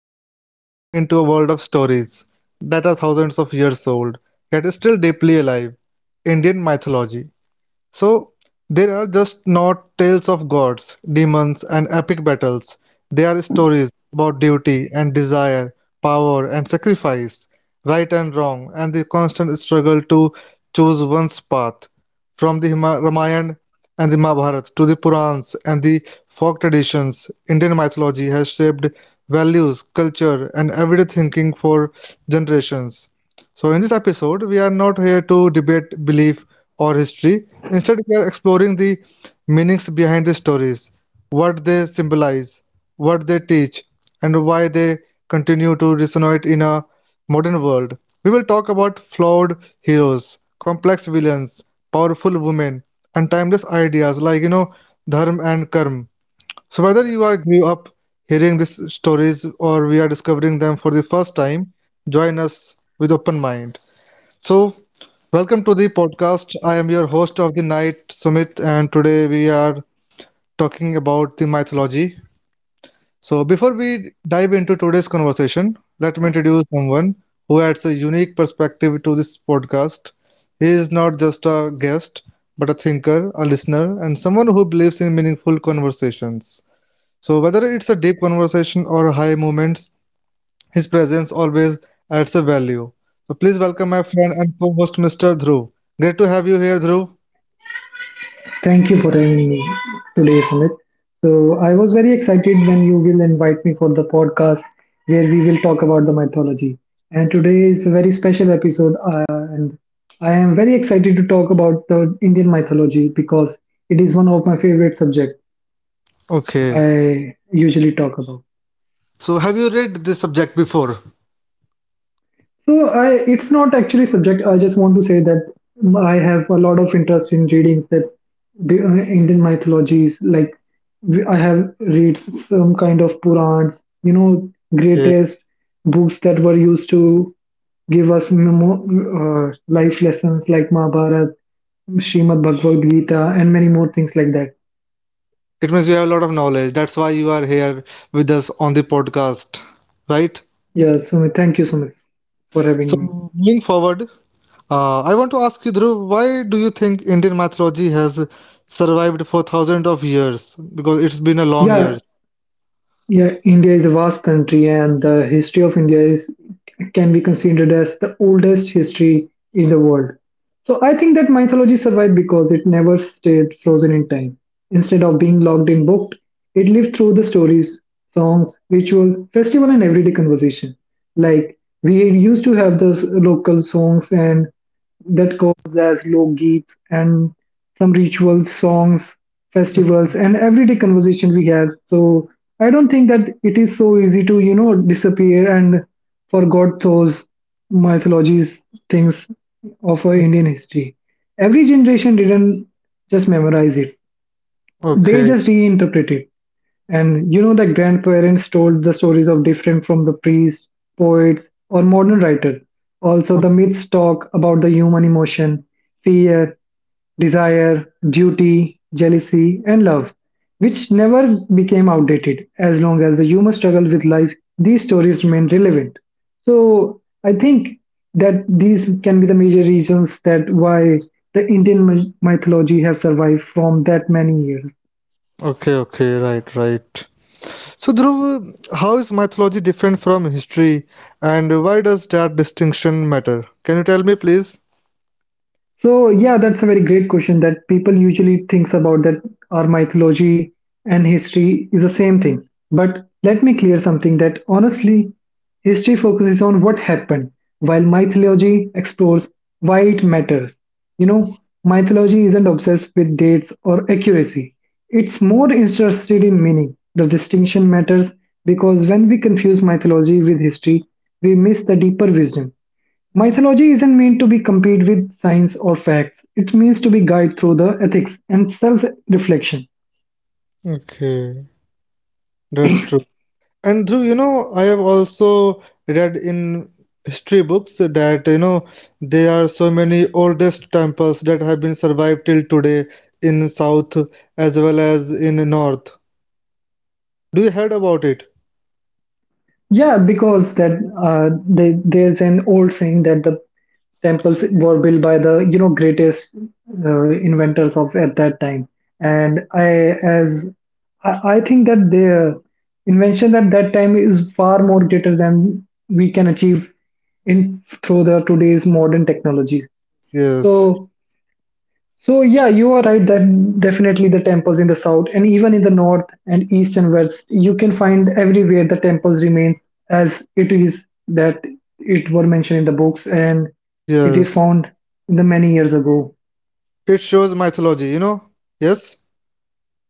Today we are stepping into a world of stories that are thousands of years old, yet is still deeply alive Indian mythology. So, there are just not tales of gods, demons, and epic battles. They are stories about duty and desire, power and sacrifice, right and wrong, and the constant struggle to choose one's path. From the Ramayana and the Mahabharata to the Purans and the folk traditions, Indian mythology has shaped values, culture, and everyday thinking for generations. So, in this episode, we are not here to debate belief or history. Instead, we are exploring the meanings behind the stories, what they symbolize, what they teach, and why they continue to resonate in a modern world. We will talk about flawed heroes, complex villains, powerful women, and timeless ideas like, dharma and karma. So, whether you are grew up hearing these stories or we are discovering them for the first time, join us with open mind. So, welcome to the podcast. I am your host of the night, Sumit, and today we are talking about the mythology. So, before we dive into today's conversation, let me introduce someone who adds a unique perspective to this podcast. He is not just a guest, but a thinker, a listener, and someone who believes in meaningful conversations. So, whether it's a deep conversation or high moments, his presence always adds a value. So please welcome my friend and co-host Mr. Dhruv. Great to have you here, Dhruv. Thank you for having me today, Sumit. So I was very excited when you will invite me for the podcast where we will talk about the mythology. And today is a very special episode, and I am very excited to talk about the Indian mythology because it is one of my favorite subject Okay. I usually talk about. So have you read this subject before? So, it's not actually subject. I just want to say that I have a lot of interest in readings that Indian mythologies. Like I have read some kind of Purans, you know, Okay. greatest books that were used to give us life lessons like Mahabharata, Srimad Bhagavad Gita, and many more things like that. It means you have a lot of knowledge. That's why you are here with us on the podcast, right? Yeah, so thank you so much for having me. So moving forward, I want to ask you, Dhruv, why do you think Indian mythology has survived for thousands of years? Because it's been a long Yeah, years. Yeah, India is a vast country, and the history of India is can be considered as the oldest history in the world. So I think that mythology survived because it never stayed frozen in time. Instead of being locked in booked, it lived through the stories, songs, ritual, festival, and everyday conversation. Like we used to have the local songs and that goes as lok geets and some rituals, songs, festivals, and everyday conversation we have. So I don't think that it is so easy to you know disappear and forgot those mythologies things of our Indian history. Every generation didn't just memorize it; they Okay. just reinterpret it. And you know, the grandparents told the stories of different from the priests, poets, or modern writer. Also, the myths talk about the human emotion, fear, desire, duty, jealousy, and love, which never became outdated as long as the human struggle with life, these stories remain relevant. So I think that these can be the major reasons that why the Indian mythology have survived from that many years. Okay. Okay. Right. Right. So, Dhruv, how is mythology different from history, and why does that distinction matter? Can you tell me, please? So yeah, that's a very great question that people usually thinks about that our mythology and history is the same thing. But let me clear something that honestly, history focuses on what happened, while mythology explores why it matters. You know, mythology isn't obsessed with dates or accuracy. It's more interested in meaning. The distinction matters because when we confuse mythology with history, we miss the deeper wisdom. Mythology isn't meant to be compete with science or facts. It means to be guided through the ethics and self-reflection. Okay, that's true. And Dhruv, you know, I have also read in history books that, you know, there are so many oldest temples that have been survived till today in South as well as in North. Do you heard about it? Yeah, because there's an old saying that the temples were built by the you know greatest inventors of at that time, and I think that their invention at that time is far more greater than we can achieve in through the today's modern technology. Yes, So So yeah, you are right that definitely the temples in the south and even in the north and east and west, you can find everywhere the temples remains as it is that it were mentioned in the books and it is yes. found the many years ago. It shows mythology, you know? Yes?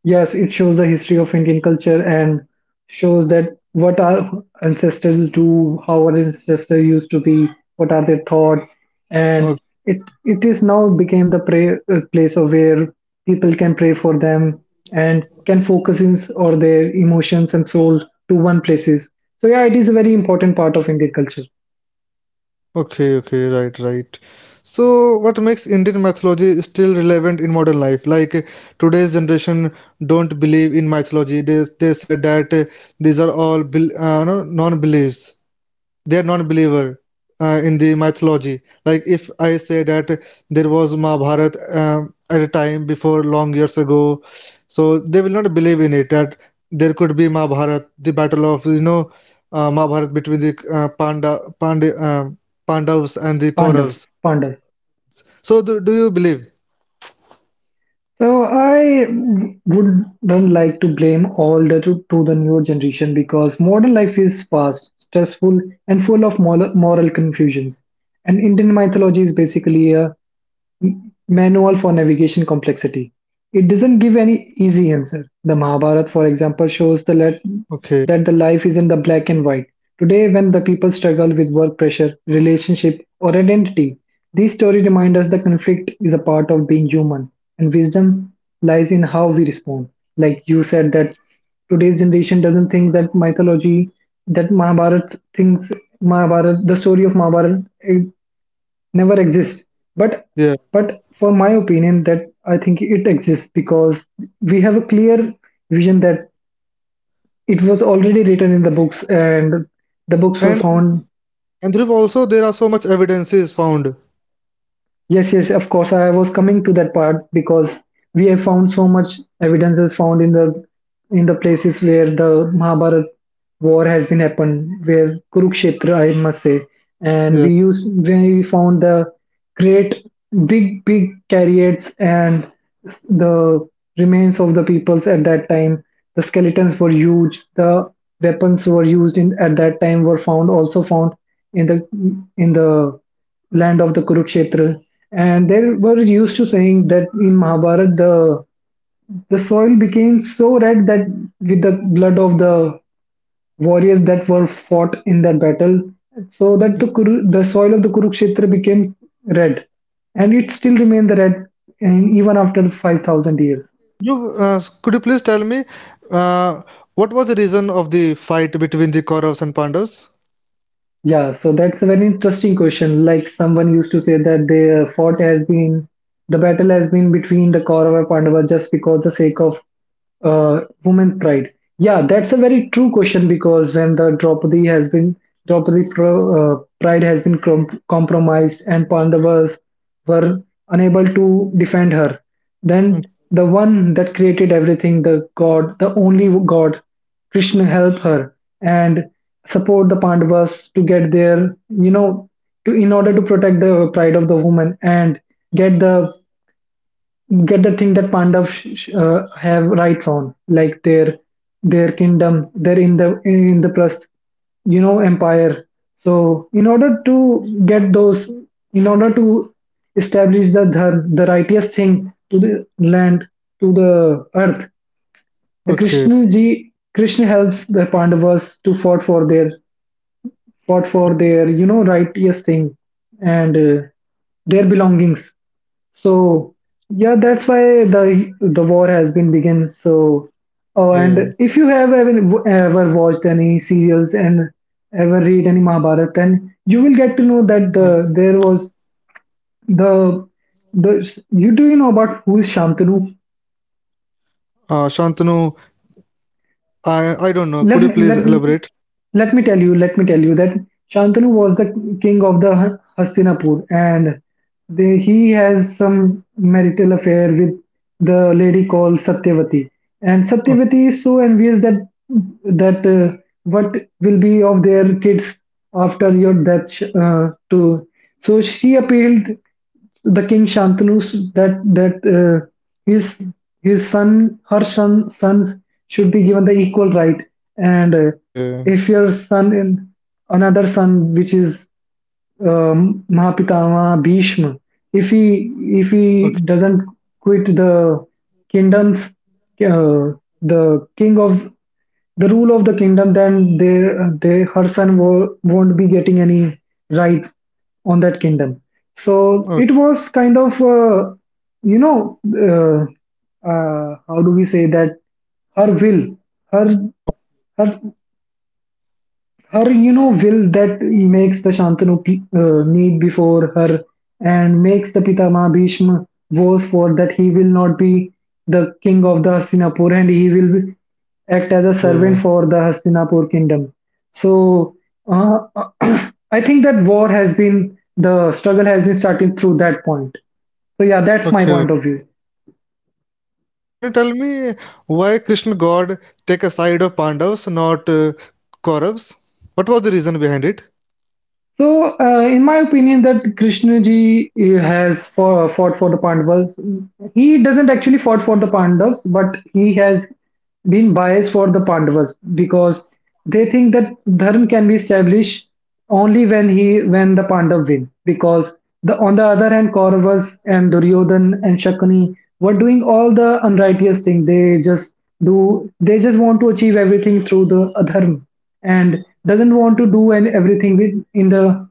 Yes, it shows the history of Indian culture and shows that what our ancestors do, how our ancestors used to be, what are their thoughts, and it it is now became the pray place of where people can pray for them and can focus in or their emotions and soul to one places. So yeah, it is a very important part of Indian culture. Okay, okay, right, right. So, what makes Indian mythology still relevant in modern life? Like today's generation don't believe in mythology. They said that these are all non-beliefs, they're non-believer in the mythology, like if I say that there was mahabharat at a time before long years ago, so they will not believe in it that there could be mahabharat, the battle of, mahabharat between the panda pandavas and the Pandavas, kauravas. Pandavas. So do you believe? So I wouldn't like to blame all the to the newer generation because modern life is fast, stressful, and full of moral confusions. And Indian mythology is basically a manual for navigation complexity. It doesn't Okay. give any easy answer. The Mahabharata, for example, shows the let, that the life isn't the black and white. Today, when the people struggle with work pressure, relationship, or identity, these stories remind us the conflict is a part of being human, and wisdom lies in how we respond. Like you said, that today's generation doesn't think that mythology, that Mahabharata thinks Mahabharata, the story of Mahabharata never exist but Yeah. but for my opinion that I think it exists because we have a clear vision that it was already written in the books and the books were and found. and Dhruv, also there are so much evidences found. Yes, yes, of course. I was coming to that part because we have found so much evidences found in the places where the Mahabharat war has been happened, where Kurukshetra, I must say, and Yeah. we found the great big big chariots and the remains of the peoples at that time. The skeletons were huge. The weapons were used in at that time were found in the in the land of the Kurukshetra. And they were used to saying that in Mahabharata, the soil became so red that with the blood of the warriors that were fought in that battle, so that the soil of the Kurukshetra became red. And it still remained the red and even after 5,000 years. You could you please tell me uh, what was the reason of the fight between the Kauravas and Pandavas? Yeah, so that's a very interesting question. Like someone used to say that the battle has been between the Kaurava and Pandava just because the sake of woman pride. Yeah, that's a very true question because when the Draupadi pride has been compromised and Pandavas were unable to defend her, Mm. then the one that created everything, the God, the only God. Krishna help her and support the Pandavas to get their, you know, to in order to protect the pride of the woman and get the get the thing that Pandavas have rights on, like their kingdom, they're in the plus, you know, empire. So in order to get those, in order to establish the dharm, the righteous thing to the land, to the earth, the Okay, Krishna helps the Pandavas to fight for their fought for their you know righteous thing and their belongings. So yeah, that's why the war has been begin. So oh, okay. and if you have ever watched any serials and ever read any Mahabharata, then you Uh. will get to know that there was the the you do you know about who is Shantanu? Shantanu, I don't know. Could you Let me please let me- elaborate? let me tell you let me tell you that Shantanu was the king of the Hastinapur and he has some marital affair with the lady called Satyavati and Satyavati O- is so envious that that uh, what will be of their kids after your death to so she appealed the king Shantanu that that his his son her son sons should be given the equal right and Okay, if your son in another son which is Mahapitama Bhishma if he okay. if he doesn't quit the kingdoms uh, the king of the rule of the kingdom, then they her son won't be getting any right on that kingdom. So O- it was kind of, you know, how do we say that her will, her okay, her her you know will that makes the Shantanu kneel before her and makes the Pitama Bhishma vows for that he will not be the king of the Hastinapur and act as a okay. servant for the Hastinapur kingdom. So uh, I think that war has been the struggle has been starting through that point. So yeah, that's my Okay. point of view. So, Dhruv, can you tell me why Krishna God take a side of Pandavas, not Kauravas? What was the reason behind it? So, in my opinion, that Krishnaji fought for the Pandavas. He doesn't actually fought for the Pandavas, but he has been biased for the Pandavas because they think that dharma can be established only when the Pandav win. Because on the other hand, Kauravas and Duryodhan and Shakuni were doing all the unrighteous thing. They just do. They just want to achieve everything through the adharma and doesn't want to do and everything in the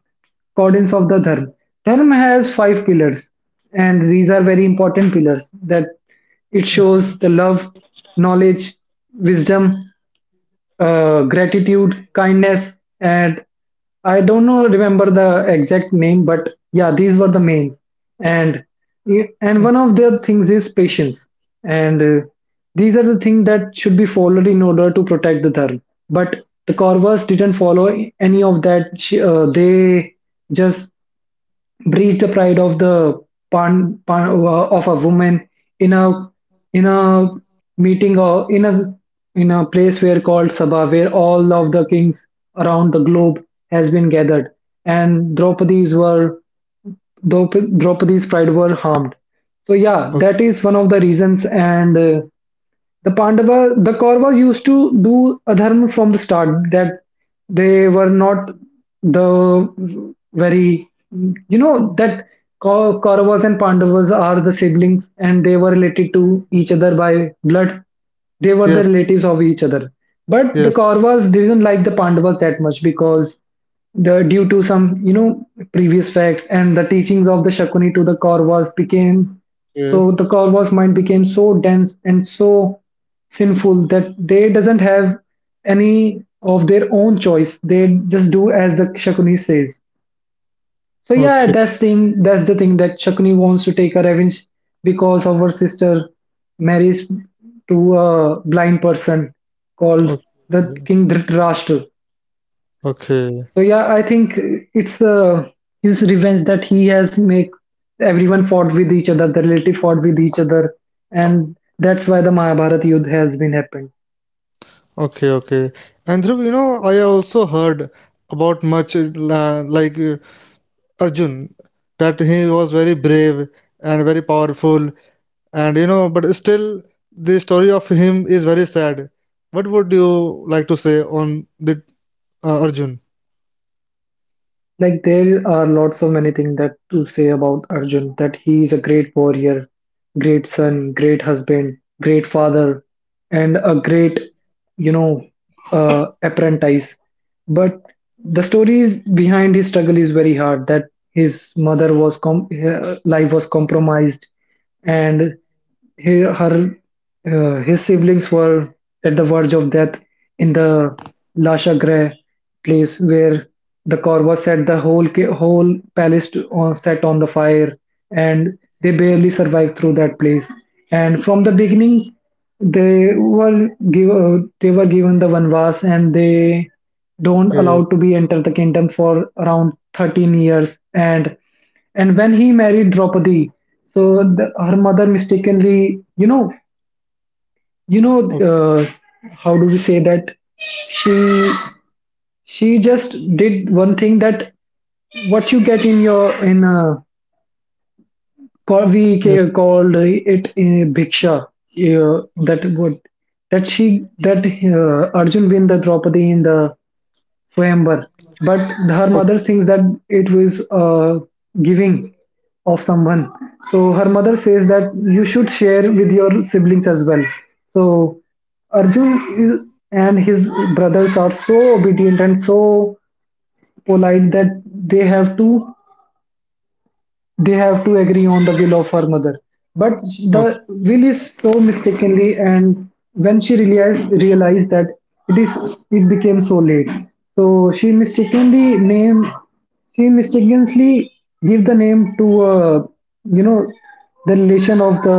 accordance of the dharma. Dharma has five pillars, and these are very important pillars that it shows the love, knowledge, wisdom, gratitude, kindness, and I don't know remember the exact name, but yeah, these were the mains. And one of the things is patience. And these are the things that should be followed in order to protect the Dharma. But the Kauravas didn't follow any of that. They just breach the pride of the of a woman in a in a meeting or in a place where called Sabha, where all of the kings around the globe has been gathered, and Draupadi's pride were harmed. So yeah, Okay. that is one of the reasons, and the Pandava, the Kauravas used to do adharma from the start. That they were not the very, you know, that Kauravas and Pandavas are the siblings, and they were related to each other by blood. They were the Yes, relatives of each other. But the yes. Kauravas didn't like the Pandavas that much because the due to some, you know, previous facts and the teachings of the Shakuni to the Kauravas became, so the Korva's mind became so dense and so sinful that they doesn't have any of their own choice. They just do as the Shakuni says. So yeah, Okay, that's thing. That's the thing that Shakuni wants to take a revenge because of her sister marries to a blind person okay, called the okay, King Dhritarashtra. okay. So yeah, I think it's his revenge that he has make everyone fought with each other, the relative fought with each other, and that's why the Mahabharata Yudh has been happened. Okay, okay. And Dhruv, you know, I also heard about much like Arjun, that he was very brave and very powerful, and you know, but still the story of him is very sad. What would you like to say on the Arjun? Like there are lots of many things that to say about Arjun, that he is a great warrior, great son, great husband, great father, and a great, you know, apprentice. But the stories behind his struggle is very hard. That his mother was her life was compromised, and he, her, his siblings were at the verge of death in the Lasha Grey place where the Korva set the whole palace to, on, set on the fire, and they barely survived through that place. And from the beginning, they were they were given the vanvas, and they don't Okay, allowed to be enter the kingdom for around 13 years. And when he married Draupadi, so the, her mother mistakenly, you know, you know, okay, uh, how do we say that? She she just did one thing, that what you get in your in a call yeah, we called it a bhiksha, okay, that okay, what that she that Arjun win the Draupadi in the Swayamvar. But her mother thinks that it was giving of someone. So her mother says that you should share with your siblings as well. So Arjun is, and his brothers are so obedient and so polite that they have to agree on the will of her mother, but okay, the will is so mistakenly and when she realized that it is, it became so late, so she mistakenly name, she mistakenly give the name to, you know, the relation of the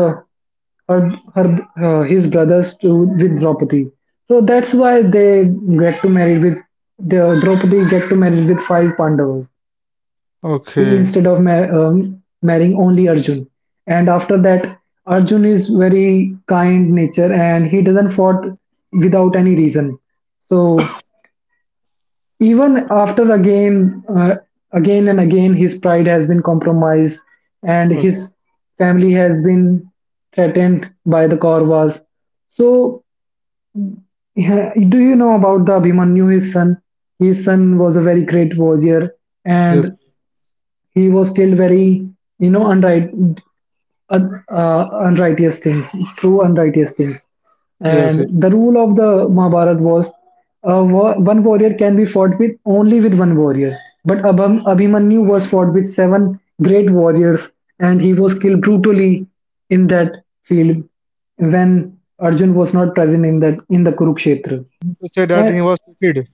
her her his brothers to with Draupadi, so that's why they get to marry with the Draupadi get to marry with five Pandavas okay, instead of marrying only Arjun. And after that, Arjun is very kind nature and he doesn't fought without any reason. So even again and again, his pride has been compromised and okay. his family has been threatened by the Kauravas. So yeah, do you know about the Abhimanyu, his son? His son was a very great warrior Yes, and he was still very, you know, unrighteous things, through unrighteous things. yes. And Yes. the rule of the Mahabharata was, one warrior can be fought with only with one warrior. But Abhimanyu was fought with seven great warriors and he was killed brutally in that field when Arjun was not present in that in the Kurukshetra. To say that And he was cheated,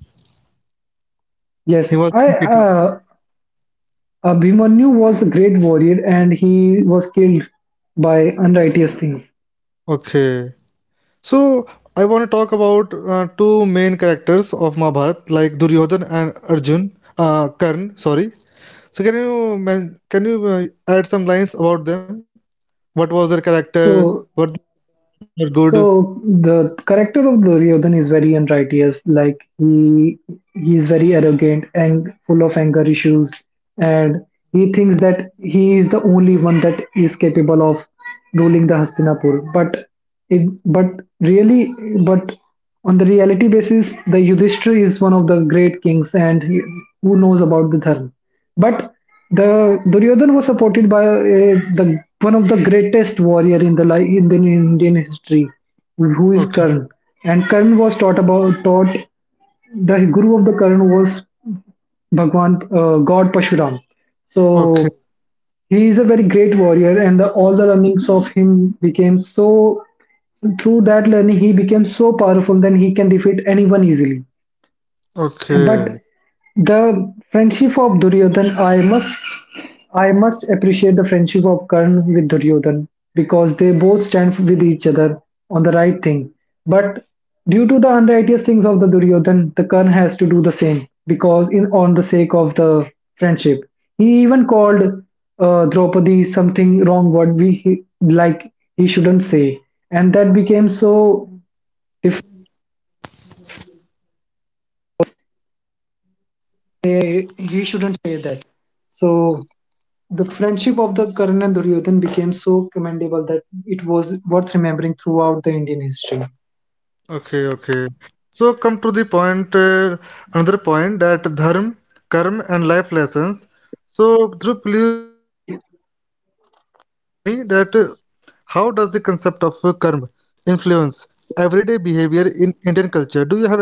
yes, he was I being cheated. Abhimanyu was a great warrior and he was killed by unrighteous things. Okay. So I want to talk about two main characters of Mahabharata, like Duryodhan and Arjun, Karn. Sorry. So can you add some lines about them? What was their character? What, So, they were good? so the character of Duryodhan is very unrighteous. Like he is very arrogant and full of anger issues, and he thinks that he is the only one that is capable of ruling the Hastinapur. But it, but really, but on the reality basis, the Yudhishthira is one of the great kings and he, who knows about the dharma. But the Duryodhan was supported by, the one of the greatest warrior in the in the Indian history, who Okay, is Karna? And Karna was taught about taught the guru of the Karna was Bhagwan, God Pashuram. okay, So he is a very great warrior, and the, all the learnings of him became so, through that learning he became so powerful that he can defeat anyone easily. But okay. the friendship of Duryodhan, I must appreciate the friendship of Karna with Duryodhan because they both stand with each other on the right thing. But due to the unrighteous things of the Duryodhan, the Karna has to do the same because in on the sake of the friendship, he even called, Draupadi something wrong word like he shouldn't say, and that became so. If he shouldn't say that, so. The friendship of the Karan and Duryodhan became so commendable that it was worth remembering throughout the Indian history. Okay, okay. So come to the point, another point, that dharma, karma, and life lessons. So Dhruv, please tell me that how does the concept of karma influence everyday behavior in Indian culture? Do you have any idea?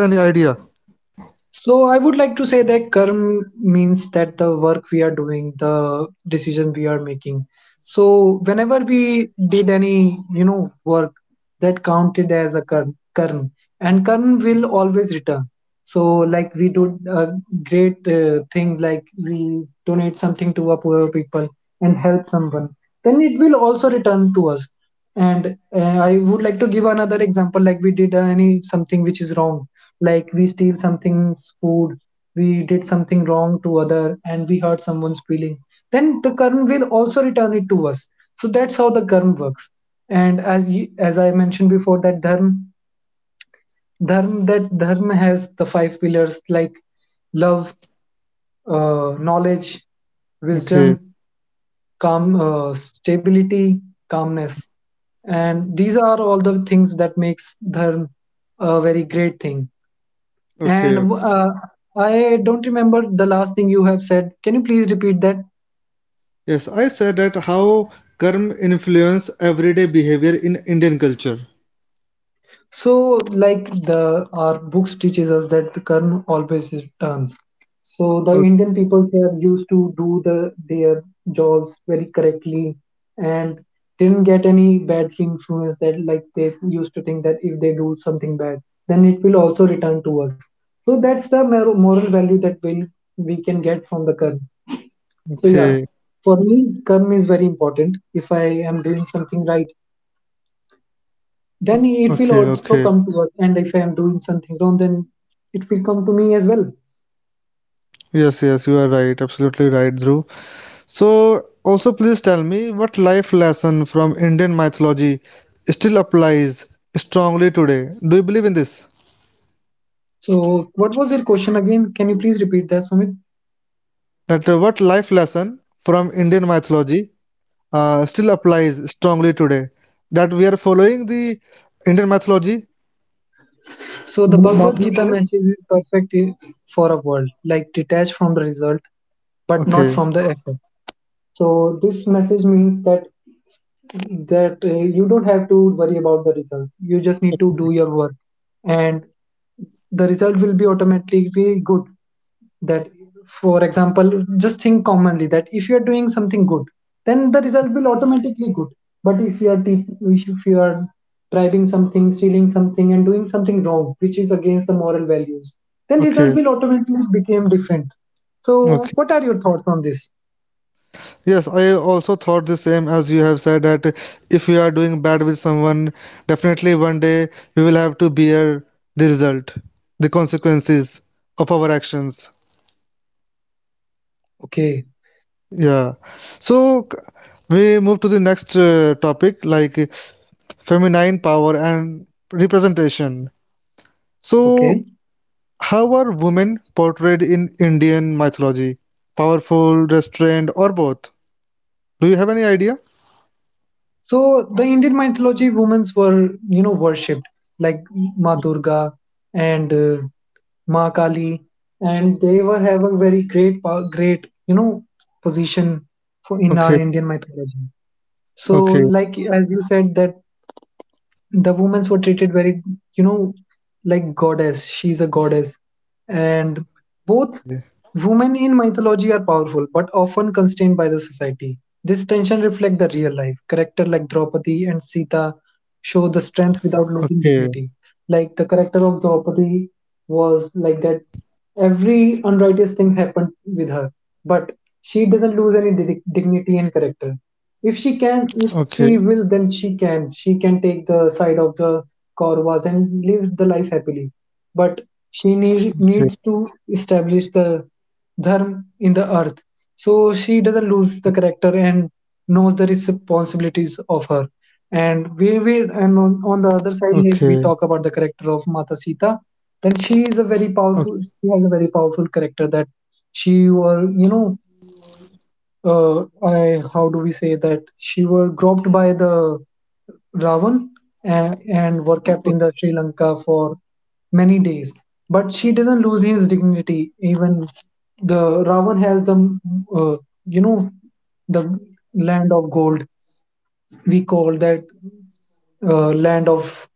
So I would like to say that karma means that the work we are doing, the decision we are making. So whenever we did any, you know, work that counted as a karma, and karma will always return. So like we do a great, thing, like we donate something to a poor people and help someone, then it will also return to us. And I would like to give another example, like we did, any something which is wrong, like we steal something's food, we did something wrong to other and we hurt someone's feeling, then the karma will also return it to us. So that's how the karma works. And as you, as I mentioned before, that dharma has the five pillars, like love, knowledge, wisdom, Okay, calm, stability, calmness, and these are all the things that makes dharma a very great thing. okay, And okay. I don't remember the last thing you have said. Can you please repeat that? Yes, I said that how karma influence everyday behavior in Indian culture. So, like the our books teaches us that the kern always returns. So the Indian people, they are used to do the their jobs very correctly and didn't get any bad influence, that like they used to think that if they do something bad, then it will also return to us. So that's the moral value that will, we can get from the kern. So yeah, Okay, for me, karma is very important. If I am doing something right, then okay, it will okay. also come to us. And if I am doing something wrong, then it will come to me as well. Yes, yes, you are right. Absolutely right, Dhruv. So, also please tell me what life lesson from Indian mythology still applies strongly today? Do you believe in this? So what was your question again? Can you please repeat that, Sumit? That what life lesson from Indian mythology still applies strongly today? That we are following the Indian mythology So the Bhagavad now Gita these days? matches is perfect for a world, like detached from the result, but not Okay, from the effort. So this message means that, you don't have to worry about the results. You just need to do your work, and the result will be automatically good. That, for example, just think commonly that if you are doing something good, then the result will automatically good. But if you are bribing something, stealing something and doing something wrong which is against the moral values, then result okay, will automatically become different. So okay. what are your thoughts on this? Yes, I also thought the same as you have said, that if we are doing bad with someone, definitely one day we will have to bear the result, the consequences of our actions. Okay, Yeah. So c- we move to the next topic, like feminine power and representation. So, okay. how are women portrayed in Indian mythology? Powerful, restrained, or both? Do you have any idea? So the Indian mythology, women's were, you know, worshipped, like Ma Durga and, Ma Kali, and they were have a very great great, you know, position for in our Okay, Indian mythology. So okay, like as you said, that the women were treated very, you know, like goddess, she's a goddess, and both women in mythology are powerful but often constrained by the society. This tension reflects the real life character, like Draupadi and Sita show the strength okay. without losing dignity. Like the character of Draupadi was like that, every unrighteous thing happened with her, but she doesn't lose any dignity and character. If she Okay, can, if she will, then she can take the side of the Corvas and live the life happily, but she needs okay, to establish the dharma in the earth. So she doesn't lose the character and knows the responsibilities of her. And we will, and on the other okay, side, if we talk about the character of Mata Sita, then she is a very powerful, she has a very powerful character, that she or, you know, I, how do we say that, she were groped by the Ravan, and were kept in the Sri Lanka for many days. But she doesn't lose his dignity. Even the Ravan has the, uh, you know, the land of gold, we call that, land of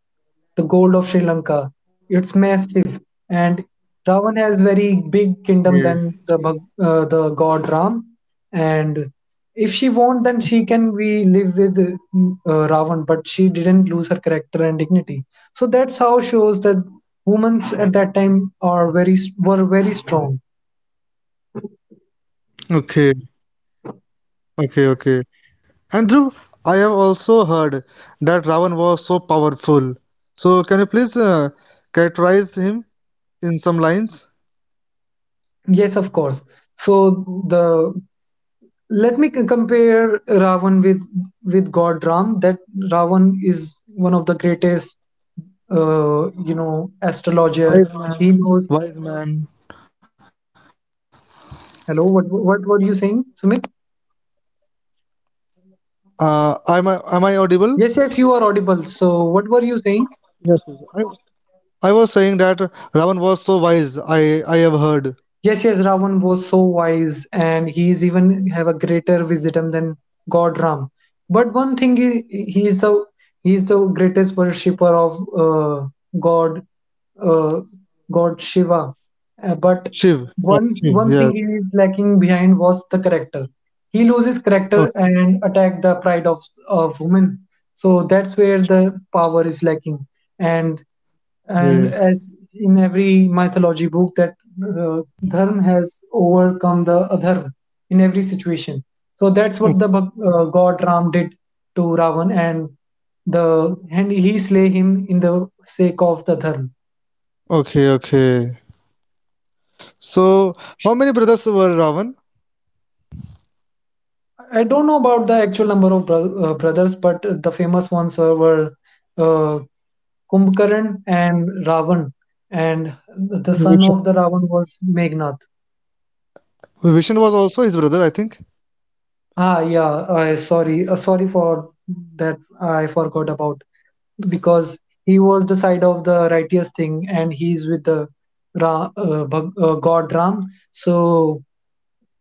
the gold of Sri Lanka. It's massive, and Ravan has very big okay, kingdom than the the god Ram. And if she want, then she can we live with, Ravan, but she didn't lose her character and dignity. So that's how shows that women at that time are very, were very strong. okay, okay, okay, okay. And Dhruv, I have also heard that Ravan was so powerful. So can you please characterize him in some lines? Yes, of course. So the, let me compare Ravan with God Ram. That Ravan is one of the greatest, you know, astrologer. He knows. Wise man, wise man. Hello, what were you saying, Sumit? Am I audible? Yes, yes, you are audible. So, what were you saying? Yes, yes. I was saying that Ravan was so wise. I have heard. Yes, yes, Ravan was so wise, and he's even have a greater wisdom than God Ram. But one thing he is the, he is the greatest worshipper of, God, uh, God Shiva. But Shiv. Yeah, one Shiv. thing he Yes. is lacking behind was the character. He loses character and attack the pride of women. So that's where the power is lacking. And and Okay. as in every mythology book, that, uh, dharma has overcome the adharma in every situation. So that's what the O- god Ram did to Ravan, and the and he slay him in the sake of the dharma. Okay. Okay. So how many brothers were Ravan? I don't know about the actual number of brothers, but the famous ones were, uh, Kumbkaran and Ravan, and the son of the Ravan was Meghnath. Vishnu was also his brother, I think. Ah, yeah. Sorry for that. I forgot about, because he was the side of the righteous thing, and he's with the God Ram. So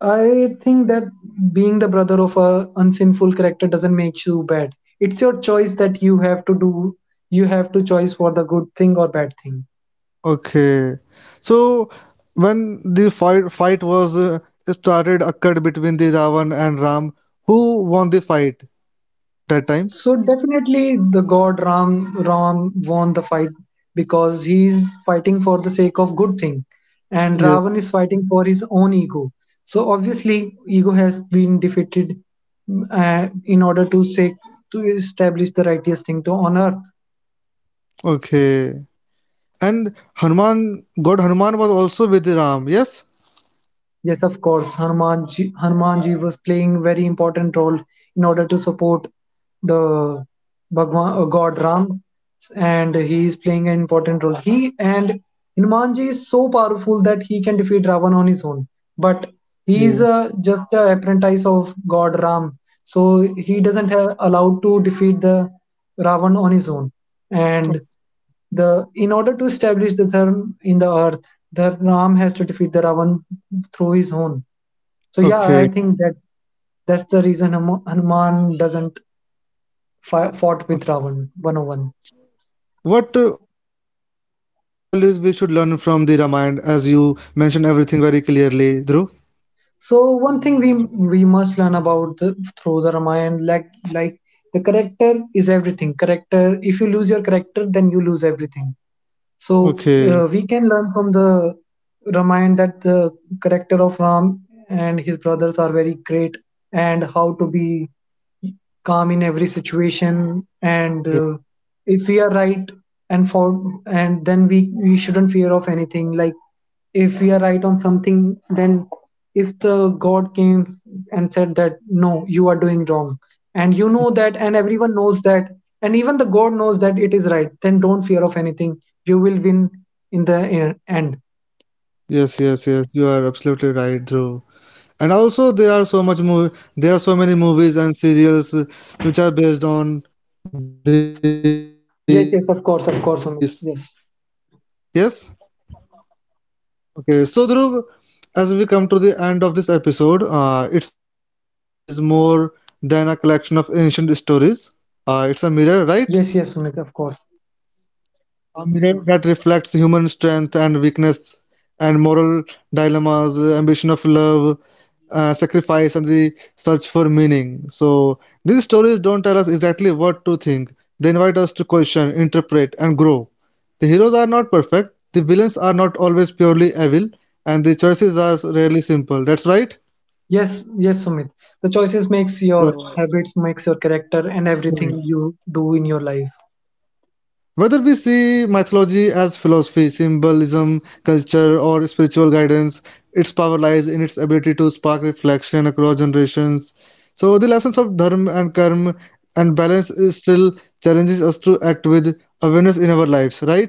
I think that being the brother of a unsinful character doesn't make you bad. It's your choice that you have to do. You have to choice for the good thing or bad thing. Okay. So when the fight was started occurred between the Ravan and Ram, who won the fight that time? So definitely, the god Ram won the fight because he's fighting for the sake of good thing, and Yeah. Ravan is fighting for his own ego. So obviously, ego has been defeated, in order to say to establish the righteous thing to on earth. Okay. And Hanuman, God Hanuman was also with Ram. Yes. Yes, of course, Hanumanji was playing very important role in order to support the God Ram, and he is playing an important role. He and Hanumanji is so powerful that he can defeat Ravan on his own, but he is Yeah. Just a apprentice of God Ram, so he doesn't have allowed to defeat the Ravan on his own, and the in order to establish the dharma in the earth, the Ram has to defeat the Ravan through his own. So yeah, Okay. I think that that's the reason Hanuman doesn't Okay. fought with Ravan 101. What moral values we should learn from the Ramayana, as you mentioned everything very clearly, Dhruv? So one thing we must learn about the, through the Ramayana, like the character is everything. Character, if you lose your character, then you lose everything. So Okay. We can learn from the Ramayana that the character of Ram and his brothers are very great, and how to be calm in every situation. And Okay. If we are right, and for, and then we shouldn't fear of anything. Like if we are right on something, then if the god came and said that no, you are doing wrong, and you know that, and everyone knows that, and even the god knows that it is right, then don't fear of anything. You will win in the end. Yes, yes, yes. You are absolutely right, Dhruv. And also there are so much movie, there are so many movies and serials which are based on this. Yes, yes, Yes. of course, of course, Sumit. Yes, Okay. So Dhruv, as we come to the end of this episode, it's clear that Indian mythology is more than a collection of ancient stories. It's a mirror, right? yes, yes, Sumit, of A course. mirror that reflects human strength and weakness and moral dilemmas, ambition of love, sacrifice, and the search for meaning. So these stories don't tell us exactly what to think. They invite us to question, interpret, and grow. The heroes are not perfect. The villains are not always purely evil, and the choices are rarely simple. That's right. Yes, yes, Sumit, the So, choices makes your habits, makes your hmm. character and everything you do in your life. Whether we see mythology as philosophy, symbolism, culture, or spiritual guidance, its power lies in its ability to spark reflection across generations. So, the lessons of dharma and karma and balance is still challenges us to act with awareness in our lives, right?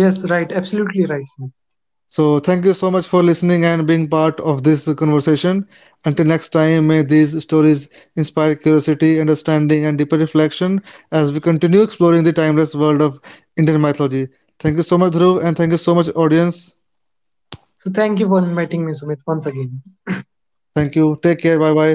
Yes, right, absolutely right, Sumit. So, thank you so much for listening and being part of this conversation. Until next time, may these stories inspire curiosity, understanding, and deeper reflection as we continue exploring the timeless world of Indian mythology. Thank you so much, Dhruv, and thank you so much, audience. So thank you for inviting me, Sumit, once again. Thank you. Take care. Bye bye.